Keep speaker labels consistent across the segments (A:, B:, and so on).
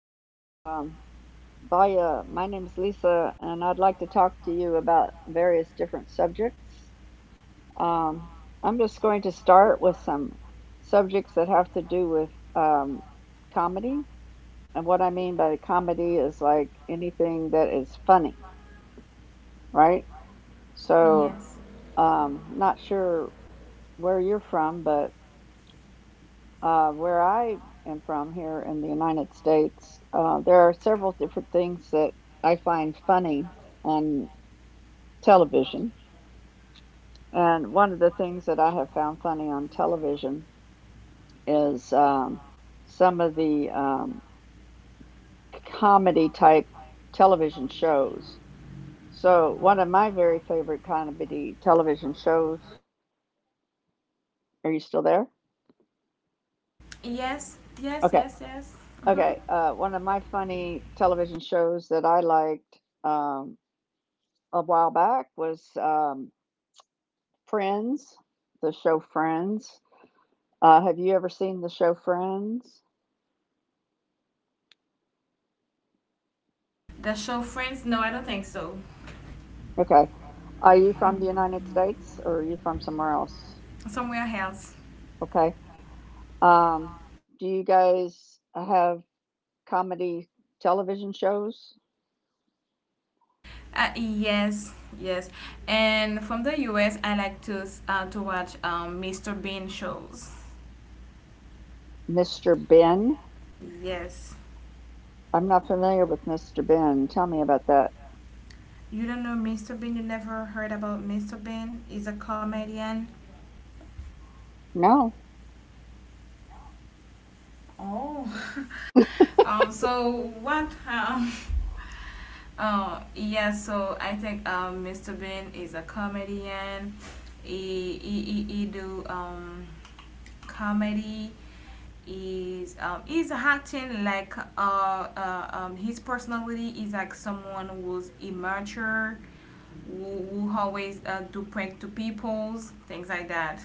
A: Vaya, my name is Lisa, and I'd like to talk to you about various different subjects. Um, I'm just going to start with some subjects that have to do with comedy. And what I mean by comedy is like anything that is funny, right? So,
B: Yes.
A: Not sure where you're from, but where I am from here in the United States, there are several different things that I find funny on television. And one of the things that I have found funny on television is some of the comedy type television shows. So, one of my very favorite comedy television shows. Are you still there?
B: Yes, yes,
A: Okay.
B: yes, yes. Hmm.
A: Okay. One of my funny television shows that I liked. A while back was Friends, the show Friends. Have you ever seen the show Friends?
B: The show Friends? No, I don't think so.
A: Okay. Are you from the United States or are you from somewhere else?
B: Somewhere else.
A: Okay. Um, do you guys have comedy television shows?
B: Yes, yes. And from the US, I like to to watch Mr. Bean shows.
A: Mr. Ben?
B: Yes.
A: I'm not familiar with Mr. Ben. Tell me about that.
B: You don't know Mr. Bean? You never heard about Mr. Bean? He's a comedian.
A: No.
B: Oh. So what? Oh, yeah, so I think Mr. Bean is a comedian. He do comedy. Is he's acting like his personality is like someone who's immature, who always do prank to peoples, things like that.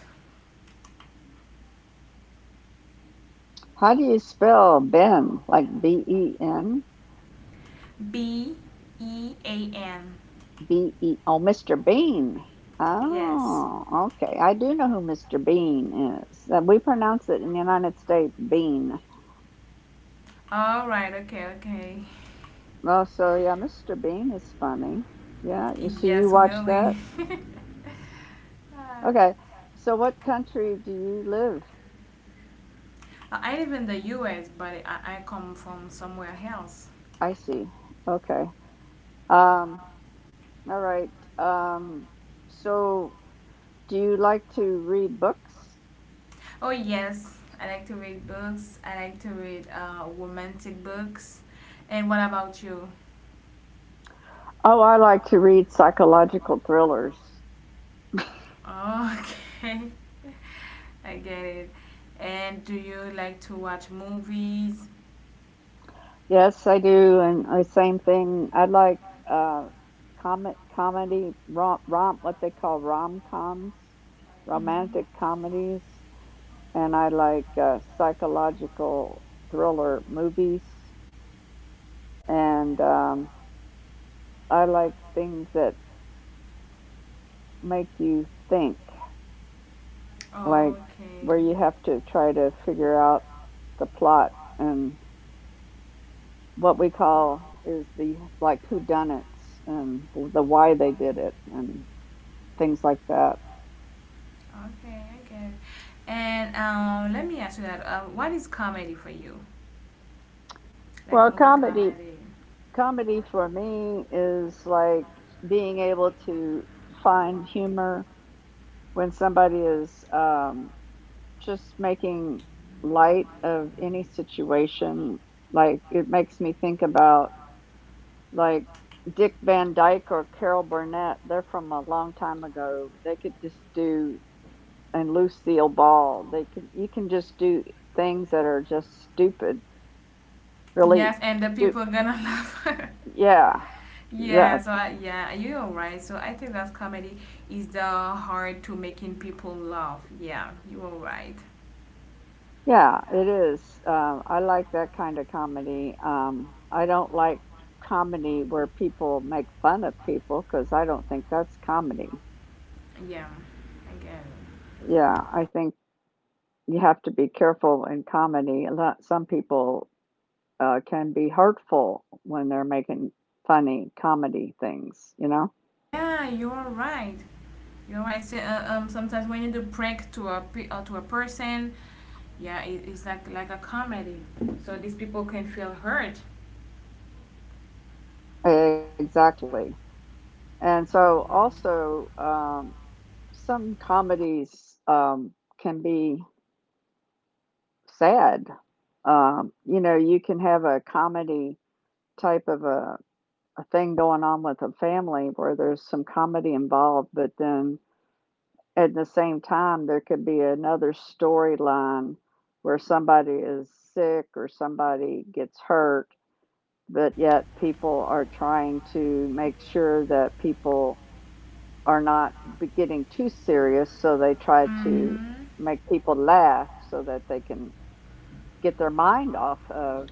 A: How do you spell Ben? Like Ben?
B: Bean.
A: B E oh, Mr. Bean.
B: Yes.
A: Oh, okay. I do know who Mr. Bean is. We pronounce it in the United States Bean.
B: All right, okay, okay.
A: Oh, so yeah, Mr. Bean is funny. Yeah, you see, you
B: Yes,
A: watch
B: Willie.
A: that.
B: Right.
A: Okay. So, what country do you live?
B: I live in the US, but I come from somewhere else.
A: I see. Okay. Um, all right. Um, so, do you like to read books?
B: Oh, yes, I like to read books. I like to read romantic books. And what about you?
A: Oh, I like to read psychological thrillers.
B: Oh, okay. I get it. And do you like to watch movies?
A: Yes, I do. And the same thing. I like uh, comic comedy rom rom what they call rom coms, romantic comedies, and I like psychological thriller movies, and I like things that make you think,
B: Oh,
A: like
B: okay.
A: where you have to try to figure out the plot and what we call is the like whodunits and the why they did it and things like that.
B: Okay, I get it. And let me ask you that. What is comedy for you? Like
A: Well,
B: movie
A: comedy
B: comedy?
A: comedy for me is like being able to find humor when somebody is just making light of any situation. Like it makes me think about like Dick Van Dyke or Carol Burnett. They're from a long time ago. They could just do and Lucille Ball. They can you can just do things that are just stupid, really.
B: Yes, and the people gonna laugh.
A: Yeah,
B: Yeah,
A: that
B: so yeah, you're right. So I think that comedy is the heart to making people laugh. Yeah, you are right.
A: yeah, it is. I like that kind of comedy. I don't like comedy where people make fun of people because I don't think that's comedy.
B: Yeah, I get it.
A: Yeah, I think you have to be careful in comedy. A lot, some people can be hurtful when they're making funny comedy things, you know?
B: Yeah, you are right. You're right. So, sometimes when you do prank to a to a person, yeah, it's like a comedy. So these people can feel hurt.
A: Exactly. And so
B: Oh,
A: also some comedies can be sad. You know, you can have a comedy type of a thing going on with a family where there's some comedy involved, but then at the same time, there could be another storyline where somebody is sick or somebody gets hurt, but yet people are trying to make sure that people are not getting too serious, so they
B: yeah.
A: try to
B: Mhm.
A: make people laugh so that they can get their mind off of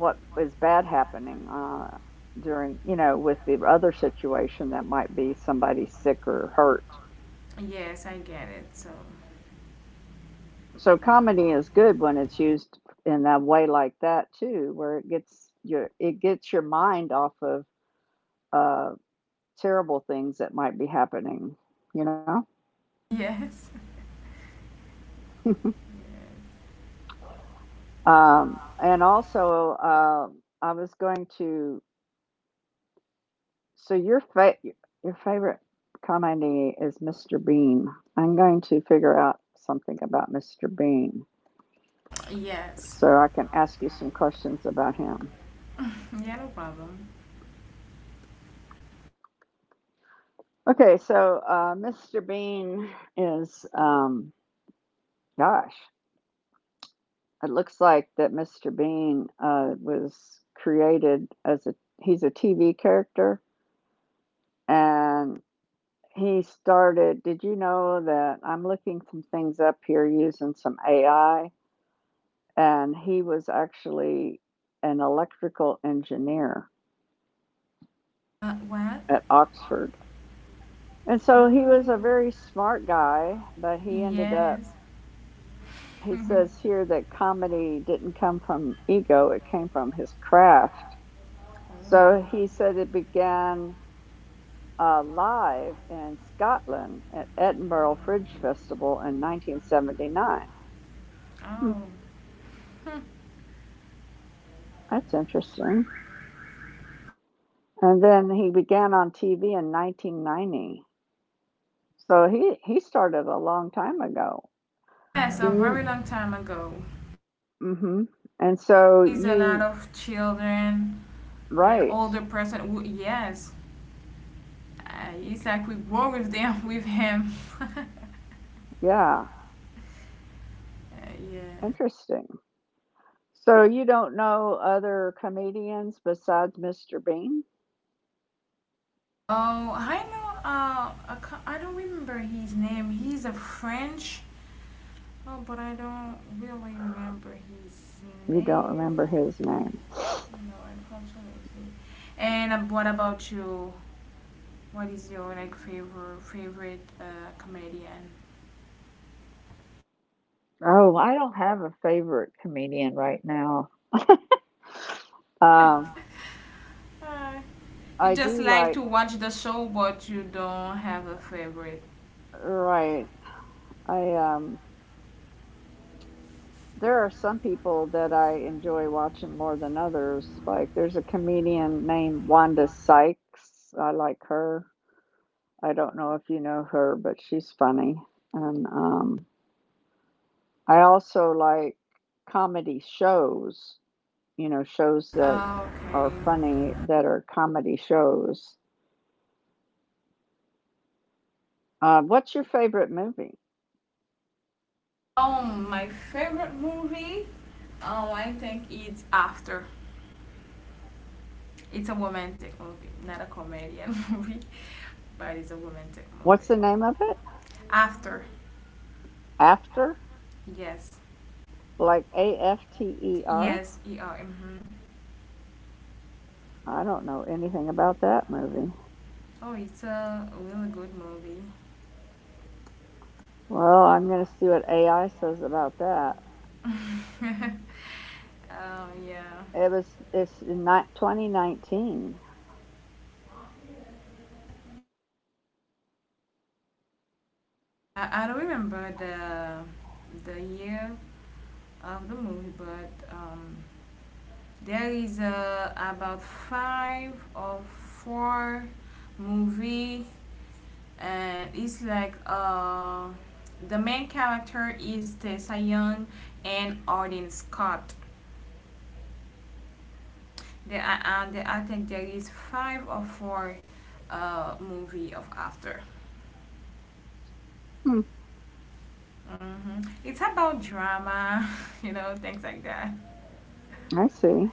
A: what is bad happening during, you know, with the other situation that might be somebody sick or hurt.
B: Yes, I get it. So,
A: So comedy is good when it's used in that way like that too, where it gets your mind off of uh, terrible things that might be happening, you know.
B: yes, yes,
A: And also, I was going to So your fa- Your favorite comedy is Mr. Bean. I'm going to figure out something about Mr. Bean
B: yes.
A: so I can ask you some questions about him.
B: Yeah, no problem.
A: Okay, so Mr. Bean is, gosh, it looks like that Mr. Bean was created as a he's a TV character and he started. Did you know that I'm looking some things up here using some AI? And he was actually an electrical engineer
B: What?
A: at Oxford. And so he was a
B: Ooh.
A: very smart guy, but he ended up,
B: Yes.
A: he says here that comedy didn't come from ego, it came from his craft. So he said it began live in Scotland at Edinburgh Fringe Festival in 1979. Hmm,
B: Oh.
A: that's interesting. And then he began on TV in 1990. So he started a long time ago.
B: Yes,
A: Do
B: a
A: you
B: very long time ago.
A: mhm. And so
B: There's a lot
A: you
B: of children and
A: right.
B: older person. Yes. It's like we grow with them, with him. uh,
A: Yeah,
B: yeah.
A: interesting. So you don't know other comedians besides Mr. Bean?
B: Oh, I know. I don't remember his name. He's a French. Oh, but I don't really remember his
A: You don't remember
B: name.
A: his name.
B: No, unfortunately. And what about you? What is your like favorite comedian?
A: Oh, I don't have a favorite comedian right now. Um,
B: Hi. You
A: I
B: just
A: do
B: like
A: like
B: to watch the show, but you don't have a favorite.
A: right. I There are some people that I enjoy watching more than others. Like, there's a comedian named Wanda Sykes. I like her. I don't know if you know her, but she's funny. And I also like comedy shows, you know, shows that
B: Ah,
A: are
B: okay.
A: funny that are comedy shows. What's your favorite movie?
B: My favorite movie, I think it's After. It's a romantic movie, not a comedian movie, but it's a romantic movie.
A: What's the name of it?
B: After,
A: After?
B: yes,
A: Like A F T E R?
B: Yes, mm-hmm.
A: I don't know anything about that movie.
B: Oh, it's a really good movie.
A: Well, I'm gonna see what AI says about that.
B: Yeah.
A: It's in 2019.
B: I don't remember the year of the movie, but there is about five or four movie, and it's like the main character is Tessa Young and Arden Scott. And I think there is five or four movie of after.
A: Hmm,
B: It's about drama, things like that.
A: I see.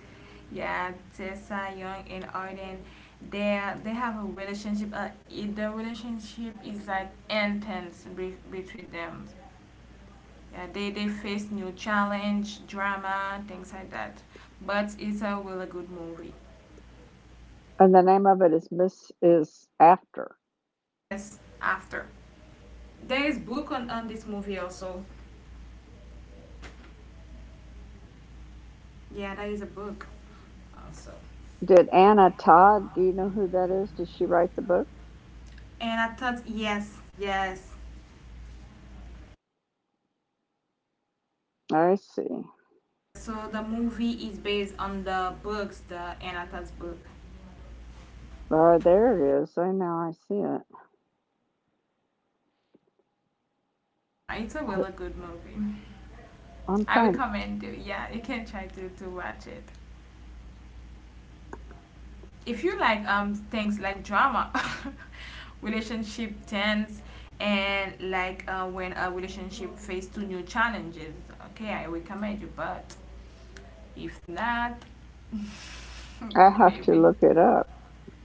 B: Yeah, Tessa Young and Arden, they have a relationship. The relationship is like intense between them. Yeah, they face new challenge, drama, things like that. But it's a really good movie.
A: And the name of it is Miss is After.
B: Yes, after there is book on this movie also. Yeah, there is a book also.
A: Did Anna Todd? Do you know who that is? Did she write the book?
B: And I thought yes, yes.
A: I see.
B: So the movie is based on the books, the Anata's book.
A: There it is. I now I see it.
B: It's a really good movie.
A: I'm
B: I
A: trying.
B: recommend it. Yeah, you can try to watch it. If you like things like drama, relationship tense, and like when a relationship face two new challenges. Okay, I recommend you. But if not,
A: I have to
B: maybe
A: look it up.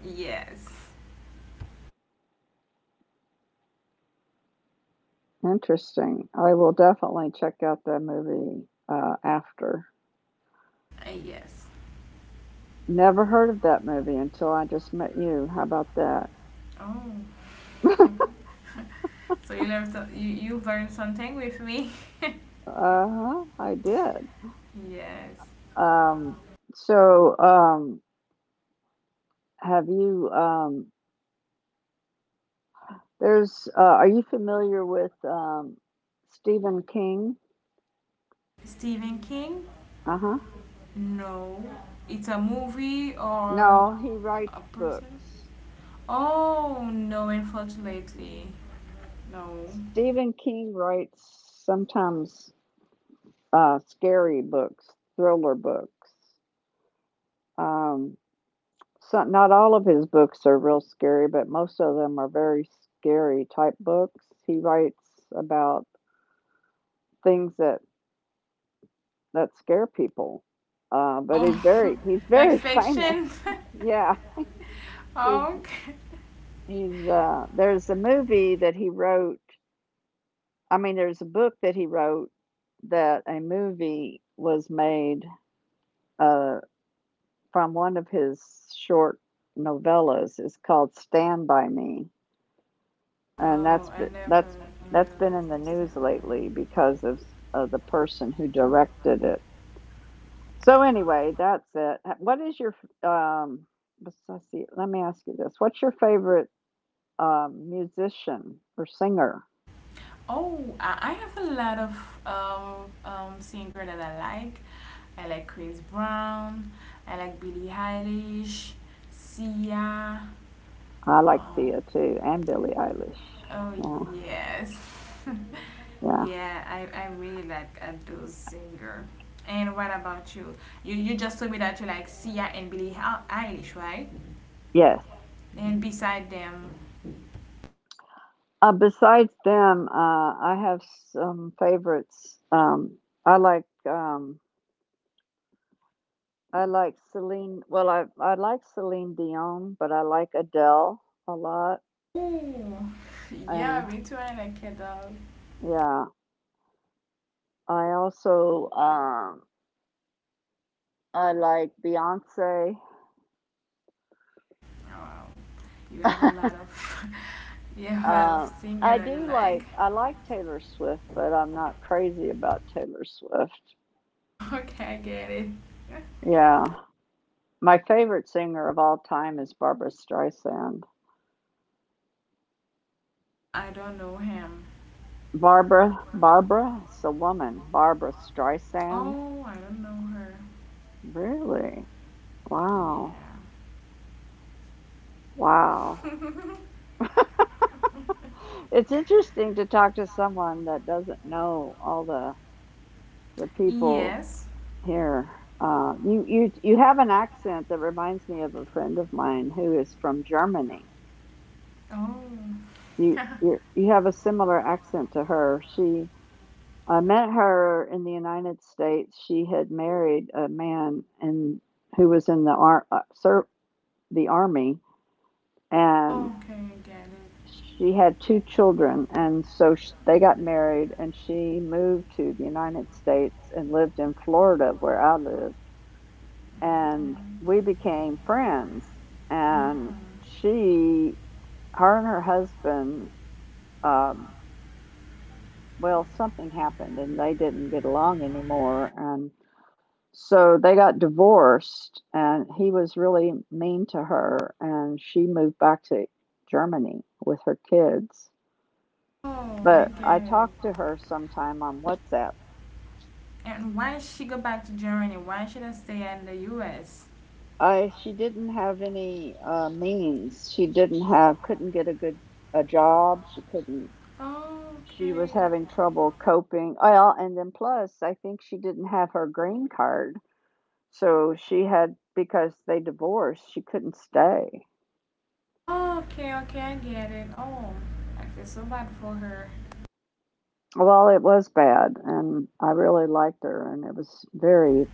B: yes.
A: Interesting. I will definitely check out that movie after.
B: Yes.
A: Never heard of that movie until I just met you. How about that?
B: Oh, so you learned you learned something with me.
A: Uh huh. I did.
B: Yes.
A: Um, so, um, have you, um, are you familiar with Stephen King?
B: Stephen King?
A: Uh huh.
B: No. It's a movie or
A: No, he
B: a
A: writes
B: person?
A: books.
B: Oh no, unfortunately, no.
A: Stephen King writes sometimes scary books, thriller books. Um, some, not all of his books are real scary, but most of them are very scary type books. He writes about things that scare people. But he's
B: Oh,
A: very he's
B: like
A: very famous.
B: fiction?
A: Yeah, he's
B: Oh, okay.
A: he's there's a movie that he wrote. I mean, there's a book that he wrote that a movie was made uh, from one of his short novellas. It's called Stand by Me, and that's
B: Oh,
A: be-
B: I never
A: that's
B: heard
A: been in
B: about
A: the news
B: Homestead
A: lately
B: Diary.
A: because of the person who directed it. So anyway, that's it. What is your um? Let's see. Let me ask you this: what's your favorite musician or singer?
B: Oh, I have a lot of singer that I like. I like Chris Brown. I like Billie Eilish, Sia.
A: I like
B: Oh,
A: Sia too, and Billie Eilish.
B: oh
A: Yeah,
B: yes.
A: yeah,
B: Yeah, I really like those singer. And what about you? You just told me that you like Sia and Billie Eilish, right?
A: yes.
B: And beside them,
A: Besides them, I have some favorites. I like um, I like Celine. Well, I like Celine Dion, but I like Adele a lot.
B: oh,
A: And
B: yeah, me too. I like it all.
A: yeah, I also I like Beyonce.
B: Wow, you have a
A: uh,
B: lot of you have a lot of singer
A: I
B: that you
A: do
B: like.
A: like I like Taylor Swift, but I'm not crazy about Taylor Swift.
B: Okay, I get it.
A: Yeah. My favorite singer of all time is Barbara Streisand.
B: I don't know him.
A: Barbara? It's a woman. Barbara Streisand?
B: Oh, I don't know her.
A: Really? Wow. Wow. It's interesting to talk to someone that doesn't know all the
B: Yeah.
A: people
B: Yes.
A: here, uh, you have an accent that reminds me of a friend of mine who is from Germany.
B: Oh.
A: You
B: Okay,
A: you you have a similar accent to her. She I met her in the United States. She had married a man and who was in the the army,
B: I
A: and
B: get it.
A: she had 2 children. And so sh they got married, and she moved to the United States and lived in Florida, where I live and we became friends. And
B: Mm.
A: she, her and her husband, um, well, something happened and they didn't get along anymore. And so they got divorced, and he was really mean to her. And she moved back to Germany with her kids.
B: Oh, I
A: But I
B: get it.
A: talked to her sometime on WhatsApp.
B: And why she go back to Germany? Why should I stay in the U.S.?
A: I she didn't have any means. She didn't have couldn't get a good a job. She couldn't
B: Oh,
A: she was
B: okay.
A: having trouble coping. Well, and then plus, I think she didn't have her green card. So she had, because they divorced, she couldn't stay.
B: Oh, okay, okay, I get it. Oh, I feel so bad for her.
A: Well, it was bad, and I really liked her, and it was very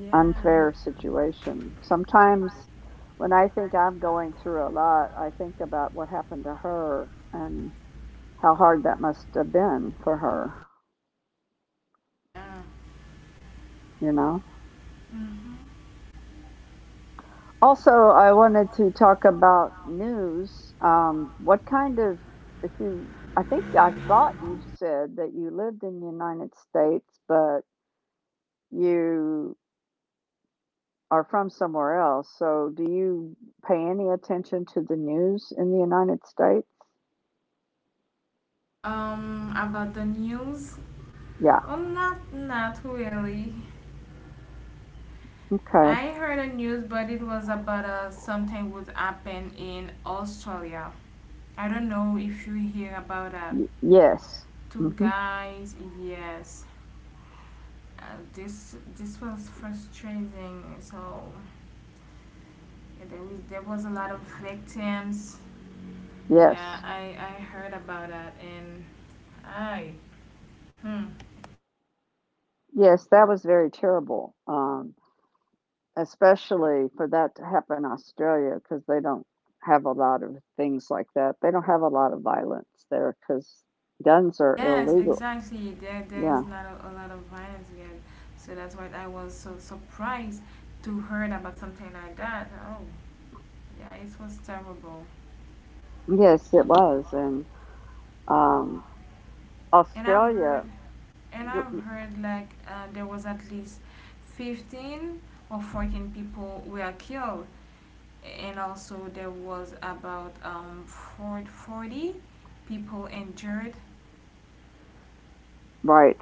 B: Yeah.
A: unfair situation. Sometimes when I think I'm going through a lot, I think about what happened to her and how hard that must have been for her,
B: Yeah.
A: you know? Also, I wanted to talk about news. What kind of, if you, I thought you said that you lived in the United States, but you are from somewhere else. So, do you pay any attention to the news in the United States?
B: About the news?
A: Yeah.
B: Oh, not really.
A: Okay.
B: I heard the news, but it was about something was happened in Australia. I don't know if you hear about that.
A: Y- yes.
B: Two
A: Hmm.
B: guys, yes. This was frustrating. So, yeah, there was a lot of victims. Yeah,
A: Yes.
B: I heard about that and I hmm.
A: Yes, that was very terrible. Especially for that to happen in Australia because they don't have a lot of things like that. They don't have a lot of violence there because guns are
B: Yes,
A: illegal.
B: exactly. There is
A: Yeah.
B: not a lot of violence yet, so that's why I was so surprised to heard about something like that. Oh, yeah, it was terrible.
A: Yes, it was. And um,
B: And I've heard,
A: Australia,
B: and I've
A: g-
B: heard like there was at least 15 or 14 people were killed, and also there was about 40 people injured.
A: right.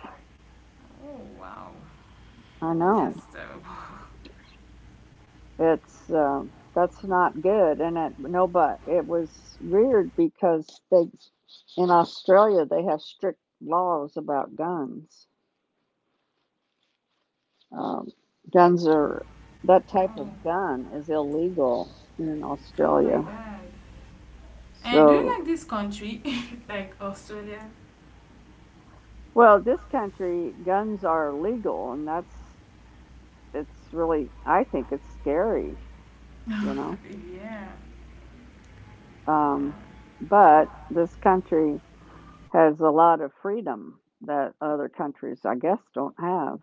B: Oh wow,
A: I know.
B: that's terrible.
A: It's um, that's not good and it no but it was weird because they in Australia they have strict laws about guns. Um, guns are that type of
B: Oh,
A: gun is illegal in
B: oh my
A: Australia.
B: god. And do you
A: So,
B: like this country, like Australia?
A: well, this country guns are legal, and that's it's really, I think it's scary, you know.
B: Yeah,
A: Um, but this country has a lot of freedom that other countries, I guess, don't have.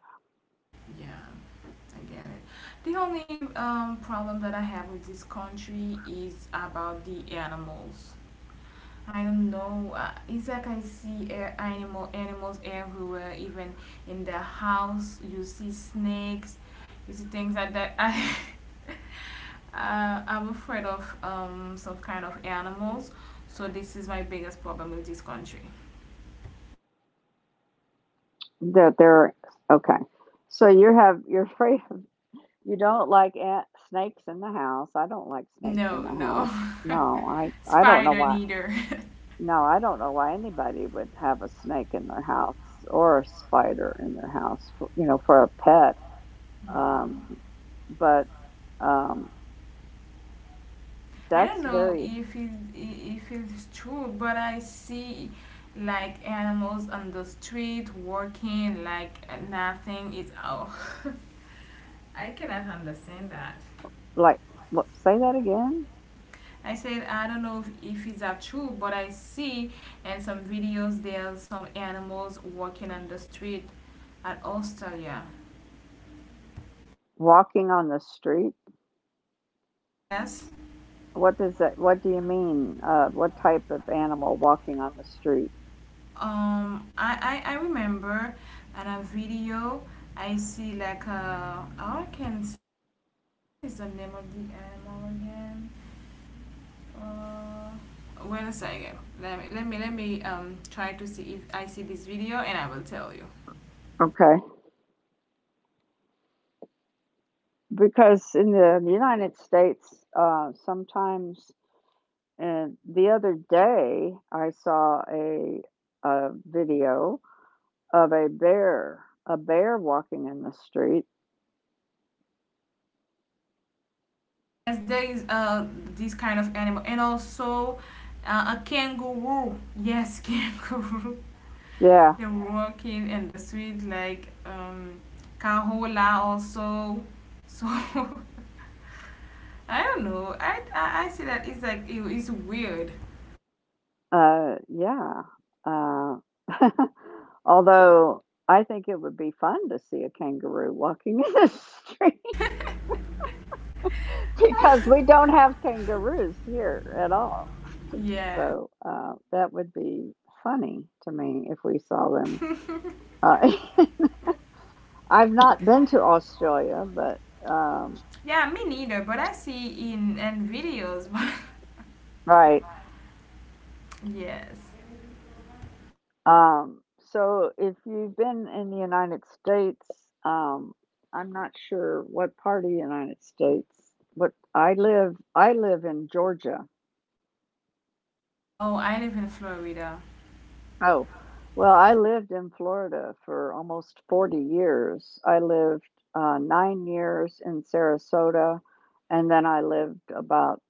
B: yeah, I get it. The only problem that I have with this country is about the animals. I don't know. It's like I see animals everywhere, even in the house. You see snakes, you see things like that. I'm afraid of some kind of animals, so this is my biggest problem with this country.
A: That they're okay. So you have you're free. You don't like ant snakes in the house. I don't like snakes in
B: No,
A: the
B: no,
A: house. No, I I don't know
B: spider
A: why
B: neither.
A: no, I don't know why anybody would have a snake in their house or a spider in their house for, for a pet. Um, but, um,
B: I don't
A: that's
B: know
A: very
B: if it's true, but I see like animals on the street walking like nothing is out. I cannot understand that.
A: Like, what, say that again?
B: I said I don't know if it's that true, but I see in some videos there's some animals walking on the street at Australia.
A: Walking on the street?
B: Yes.
A: What does that What do you mean? What type of animal walking on the street?
B: I remember in a video I see like a, oh, I can see what is the name of the animal again. Uh, wait a second. Let me try to see if I see this video and I will tell you.
A: Okay. Because in the United States, sometimes And the other day, I saw a video of a bear walking in the street.
B: Yes, there is this kind of animal, and also a kangaroo. Yes, kangaroo.
A: Yeah,
B: They're walking in the street like kahola also. So, I don't know. I see that it's like it's weird.
A: uh, yeah. Uh, Although I think it would be fun to see a kangaroo walking in the street because we don't have kangaroos here at all.
B: Yes.
A: So that would be funny to me if we saw them. Uh, I've not been to Australia, but um,
B: Yeah, me neither. But I see in and videos. But
A: right.
B: yes.
A: Um, so if you've been in the United States, um, I'm not sure what part of the United States, but I live in Georgia.
B: Oh, I live in Florida.
A: Oh, well, I lived in Florida for almost 40 years. I lived 9 years in Sarasota, and then I lived about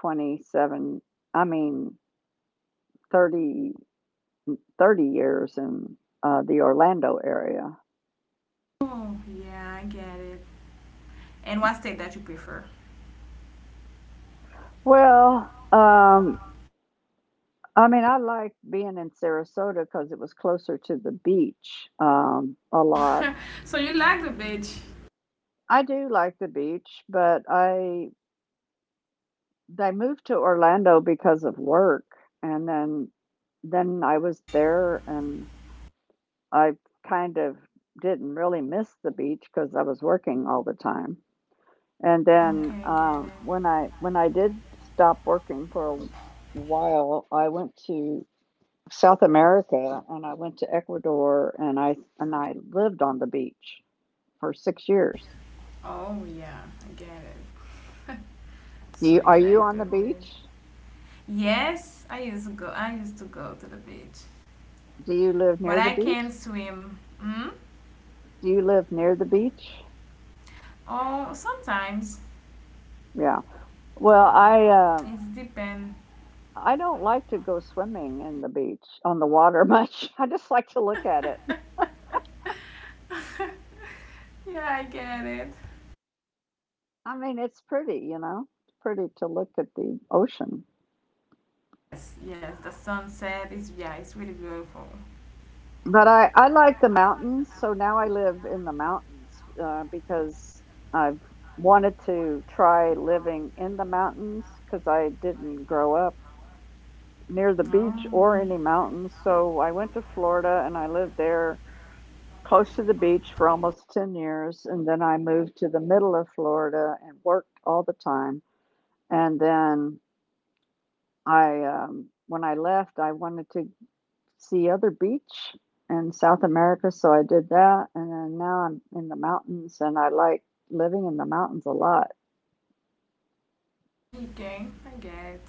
A: 27, I mean 30, 30 years in the Orlando area.
B: Oh yeah, I get it. And what state that you prefer?
A: Well, I mean, I liked being in Sarasota because it was closer to the beach, a lot.
B: So you like the beach?
A: I do like the beach, but I they moved to Orlando because of work, and then I was there, and I kind of didn't really miss the beach because I was working all the time, and
B: Oh,
A: then,
B: okay, I get it.
A: when I did stop working for a while, I went to South America and I went to Ecuador and I lived on the beach for 6 years.
B: Oh, yeah, I get it.
A: Do
B: So
A: you Are
B: you
A: you
B: like the
A: on the beach?
B: beach? Yes, I used to go. I used to go to the beach,
A: Do you live
B: but
A: near the
B: I
A: beach?
B: can't swim. Hmm.
A: Do you live near the beach?
B: Oh, sometimes
A: Yeah. Well, um
B: it's depend.
A: I don't like to go swimming in the beach on the water much. I just like to look at it.
B: Yeah, I get it.
A: I mean, it's pretty, you know. It's pretty to look at the ocean.
B: Yes, the sunset is yeah, it's really beautiful.
A: But I like the mountains, so now I live in the mountains because I've wanted to try living in the mountains because I didn't grow up near the
B: Oh,
A: beach or any mountains. So I went to Florida and I lived there close to the beach for almost 10 years. And then I moved to the middle of Florida and worked all the time. And then I, when I left, I wanted to see other beach in South America, so I did that. And then now I'm in the mountains, and I like living in the mountains a lot.
B: okay, I get it.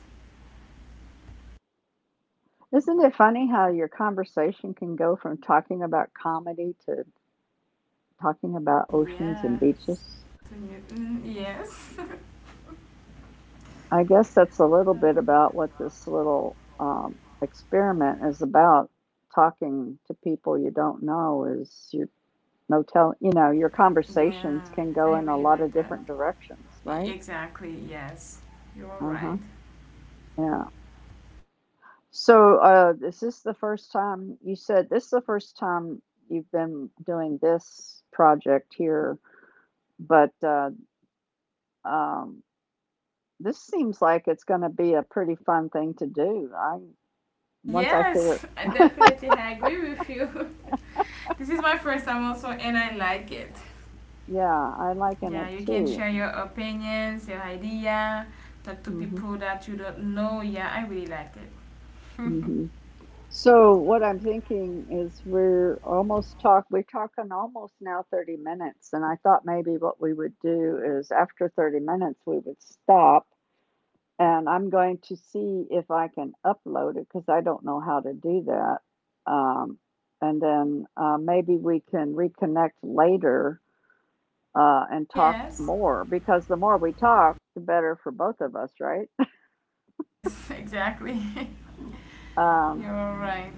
A: Isn't it funny how your conversation can go from talking about comedy to talking about oceans and
B: Yeah,
A: beaches?
B: to me, yes.
A: I guess that's a little bit about what this little experiment is about. Talking to people you don't know is you no tell you know, your
B: Yeah,
A: conversations can go
B: I
A: in a
B: really
A: lot
B: like
A: of
B: that.
A: different directions, right?
B: Exactly. Yes, you are
A: Uh
B: right.
A: huh. Yeah. So, is this the first time you said this is the first time you've been doing this project here, but um, this seems like it's going to be a pretty fun thing to do. I once I figure,
B: Yes, I definitely agree with you. This is my first time also, and I like it.
A: Yeah, I liken
B: Yeah,
A: it
B: you can
A: too.
B: share your opinions, your idea, talk to
A: Hmm.
B: people that you don't know. Yeah, I really like it.
A: Hmm. So, what I'm thinking is we're talking almost now 30 minutes, and I thought maybe what we would do is after 30 minutes we would stop. And I'm going to see if I can upload it because I don't know how to do that. Um, and then maybe we can reconnect later and talk
B: Yes,
A: more because the more we talk, the better for both of us, right?
B: exactly.
A: Um,
B: You're all right.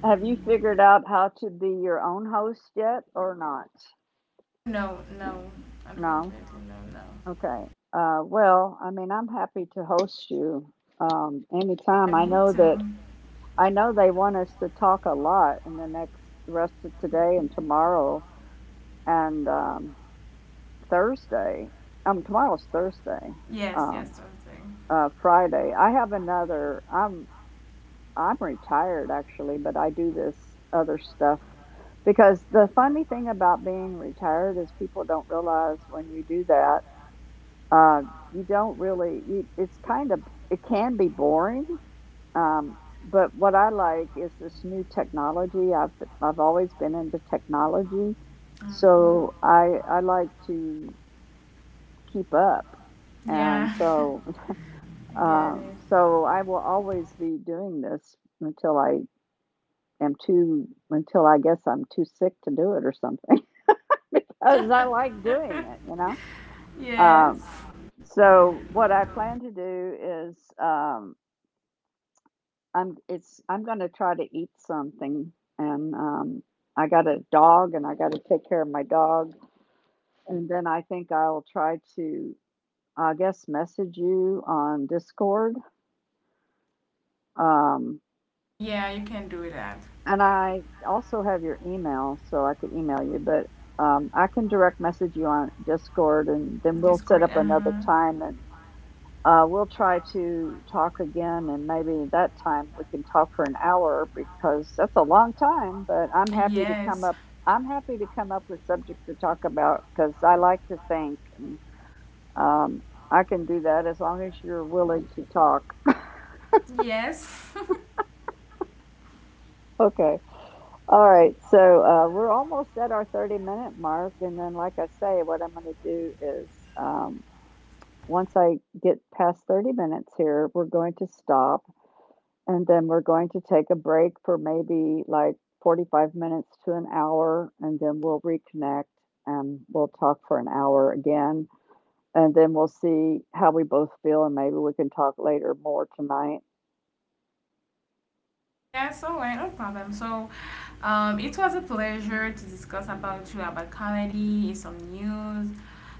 A: have you figured out how to be your own host yet or not?
B: No, no,
A: No?
B: unfortunately, no, no.
A: Okay. Well, I mean, I'm happy to host you anytime.
B: I
A: I
B: me
A: know
B: too.
A: that I know they want us to talk a lot in the next the rest of today and tomorrow and Thursday. Tomorrow's Thursday.
B: Yes, yes,
A: Um,
B: something.
A: Friday. I have another. I'm retired actually, but I do this other stuff because the funny thing about being retired is people don't realize when you do that. Uh, you don't really, you, it's kind of, it can be boring. But what I like is this new technology. I've always been into technology, so
B: Hmm.
A: I like to keep up, and
B: Yeah,
A: so
B: I get it.
A: so I will always be doing this until I am too until I guess I'm too sick to do it or something because I like doing it, you know. Um,
B: Yes.
A: so what I plan to do is I'm gonna try to eat something and I got a dog and I got to take care of my dog and then I think I'll try to I guess message you on Discord. Um
B: Yeah, you can do that.
A: and I also have your email so I could email you, but I can direct message you on Discord and then we'll set
B: Discord.
A: up
B: Uh
A: another
B: huh.
A: time. And we'll try to talk again, and maybe that time we can talk for an hour because that's a long time. But I'm happy to come
B: Yes.
A: up. I'm happy to come up with subjects to talk about because I like to think. And, Um, I can do that as long as you're willing to talk.
B: Yes.
A: Okay. All right. So we're almost at our 30-minute mark. And then, like I say, what I'm going to do is um, once I get past 30 minutes here, we're going to stop. And then we're going to take a break for maybe like 45 minutes to an hour, and then we'll reconnect and we'll talk for an hour again. And then we'll see how we both feel, and maybe we can talk later more tonight.
B: Yeah, so right, no problem. So, it was a pleasure to discuss about you about comedy, some news.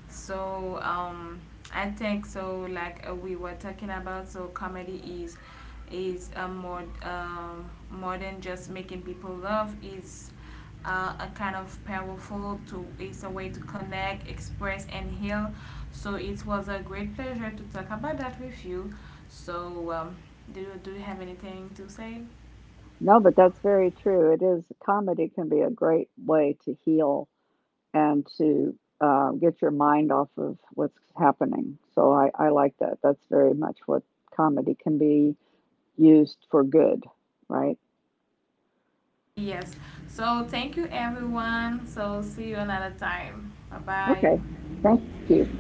B: So, I think so. Like we were talking about, so comedy is a more than just making people laugh. Is a kind of powerful to it's a way to connect, express, and heal. So it was a great pleasure to talk about that with you. So, do you have anything to say?
A: No, but that's very true. It is, comedy can be a great way to heal and to get your mind off of what's happening. So I like that. That's very much what comedy can be used for good, right?
B: Yes. So thank you everyone. So see you another time. Bye
A: Okay.
B: bye.
A: Thank you. Bye bye.